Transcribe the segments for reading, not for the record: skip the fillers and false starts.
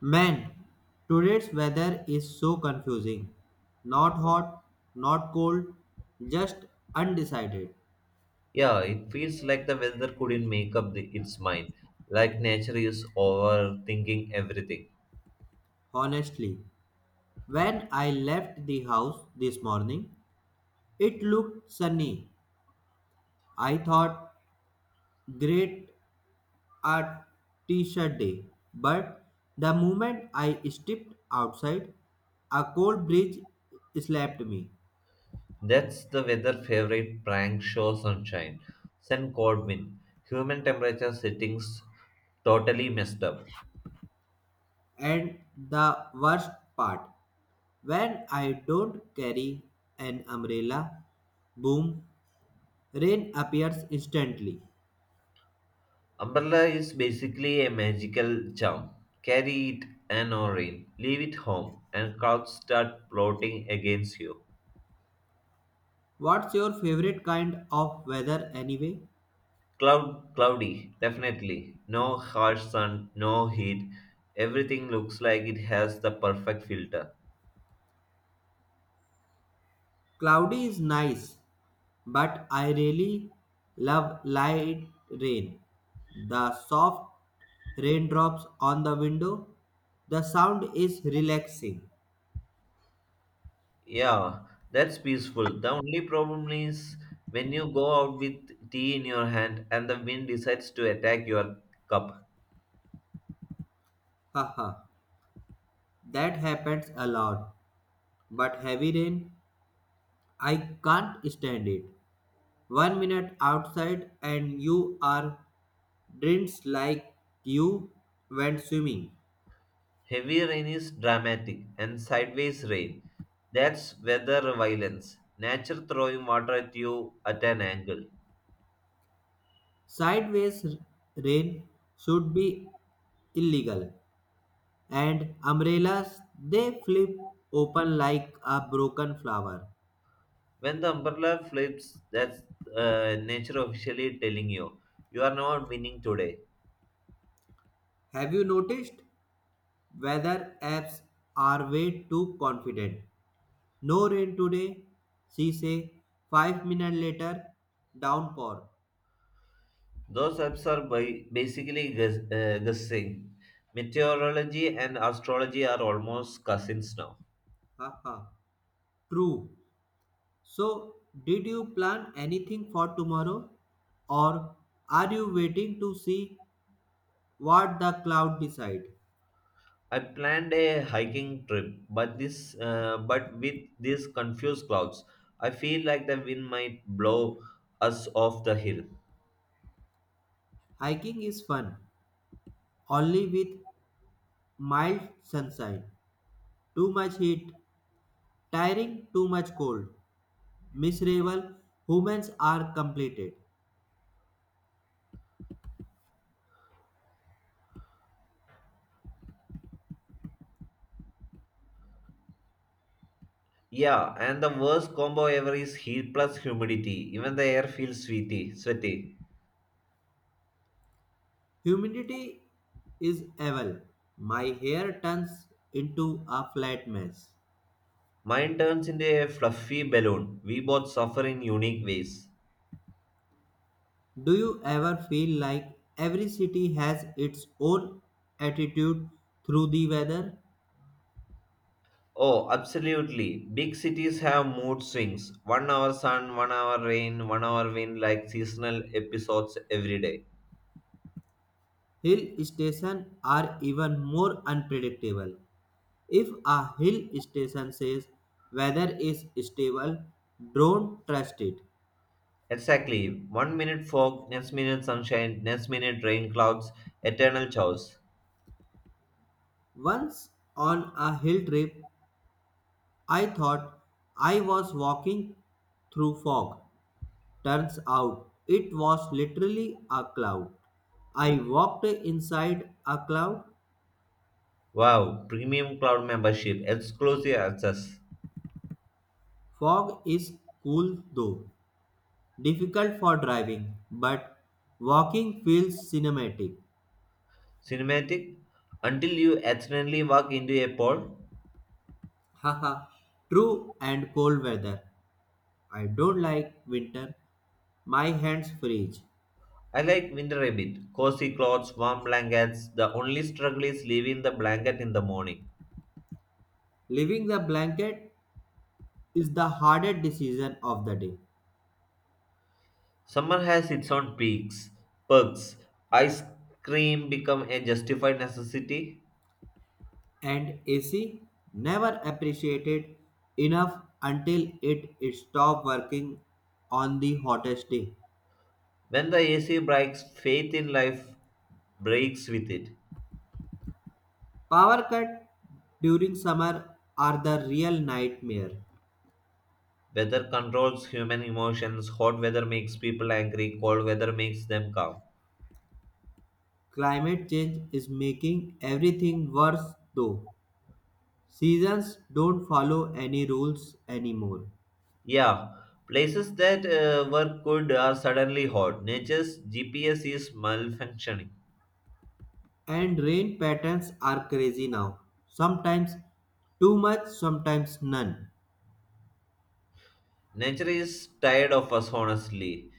Man, today's weather is so confusing. Not hot, not cold, just undecided. Yeah, it feels like the weather couldn't make up its mind, like nature is overthinking everything. Honestly, when I left the house this morning, it looked sunny. I thought, great, a t shirt day. But the moment I stepped outside, a cold breeze slapped me. That's the weather favorite prank show sunshine. Send cold wind. Human temperature settings totally messed up. And the worst part, when I don't carry an umbrella, boom, rain appears instantly. Umbrella is basically a magical charm. Carry it and rain. Leave it home and clouds start plotting against you. What's your favorite kind of weather anyway? Cloudy, definitely. No harsh sun, no heat. Everything looks like it has the perfect filter. Cloudy is nice, but I really love light rain. The soft raindrops on the window, the sound is relaxing. Yeah, that's peaceful. The only problem is when you go out with tea in your hand and the wind decides to attack your cup. Haha, that happens a lot. But heavy rain, I can't stand it. One minute outside and you are drenched like you went swimming. Heavy rain is dramatic and sideways rain. That's weather violence. Nature throwing water at you at an angle. Sideways rain should be illegal. And umbrellas, they flip open like a broken flower. When the umbrella flips, that's nature officially telling you, you are not winning today. Have you noticed? Weather apps are way too confident. No rain today, she say. 5 minutes later, downpour. Those apps are by basically guessing. Meteorology and astrology are almost cousins now. Haha. True. So, did you plan anything for tomorrow or are you waiting to see what the cloud decide? I planned a hiking trip, but with these confused clouds, I feel like the wind might blow us off the hill. Hiking is fun only with mild sunshine. Too much heat, tiring, too much cold. Miserable humans are completed. Yeah, and the worst combo ever is heat plus humidity. Even the air feels sweaty. Humidity is evil. My hair turns into a flat mess. Mine turns into a fluffy balloon. We both suffer in unique ways. Do you ever feel like every city has its own attitude through the weather? Oh, absolutely. Big cities have mood swings. One hour sun, one hour rain, one hour wind, like seasonal episodes every day. Hill stations are even more unpredictable. If a hill station says weather is stable, don't trust it. Exactly. One minute fog, next minute sunshine, next minute rain clouds, eternal chaos. Once on a hill trip, I thought I was walking through fog. Turns out it was literally a cloud. I walked inside a cloud. Wow, premium cloud membership, exclusive access. Fog is cool though, difficult for driving, but walking feels cinematic. Cinematic? Until you accidentally walk into a pole? Haha, true and cold weather. I don't like winter. My hands freeze. I like winter a bit. Cozy clothes, warm blankets. The only struggle is leaving the blanket in the morning. Leaving the blanket is the hardest decision of the day. Summer has its own perks. Ice cream become a justified necessity. And AC never appreciated enough until it stopped working on the hottest day. When the AC breaks, faith in life breaks with it. Power cut during summer are the real nightmare. Weather controls human emotions. Hot weather makes people angry. Cold weather makes them calm. Climate change is making everything worse though. Seasons don't follow any rules anymore. Yeah, places that were cold are suddenly hot. Nature's GPS is malfunctioning. And rain patterns are crazy now. Sometimes too much, sometimes none. Nature is tired of us, honestly.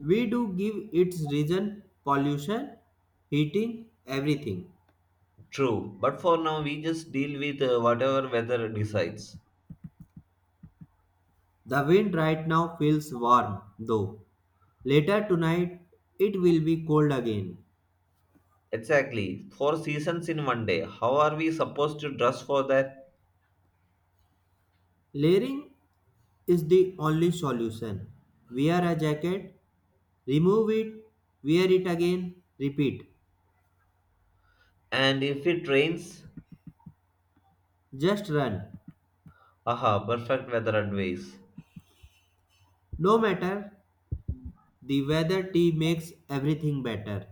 We do give its reason pollution, heating, everything. True, but for now we just deal with whatever weather decides. The wind right now feels warm though. Later tonight it will be cold again. Exactly, four seasons in one day. How are we supposed to dress for that? Layering is the only solution. Wear a jacket. Remove it, wear it again, repeat. And if it rains, Just run. aha, perfect weather advice. No matter the weather, tea makes everything better.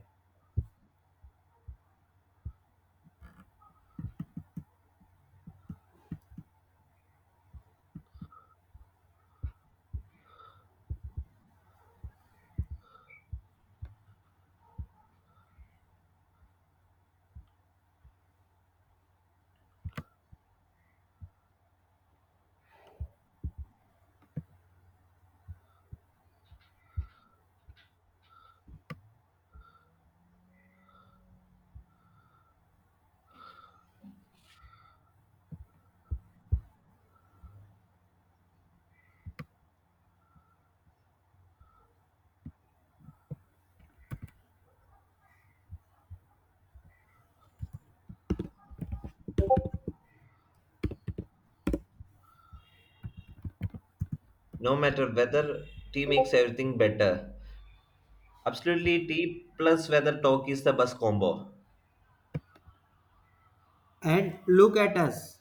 No matter weather, tea makes everything better. Absolutely, tea plus weather talk is the best combo. And look at us.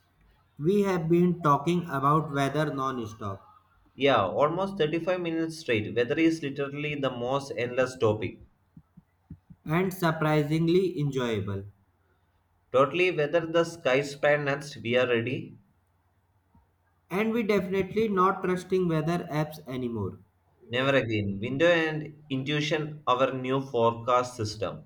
We have been talking about weather non-stop Yeah, almost 35 minutes straight. Weather is literally the most endless topic. and surprisingly enjoyable. Totally, whether the sky span next, we are ready. And we definitely not trusting weather apps anymore. Never again. Window and intuition, our new forecast system.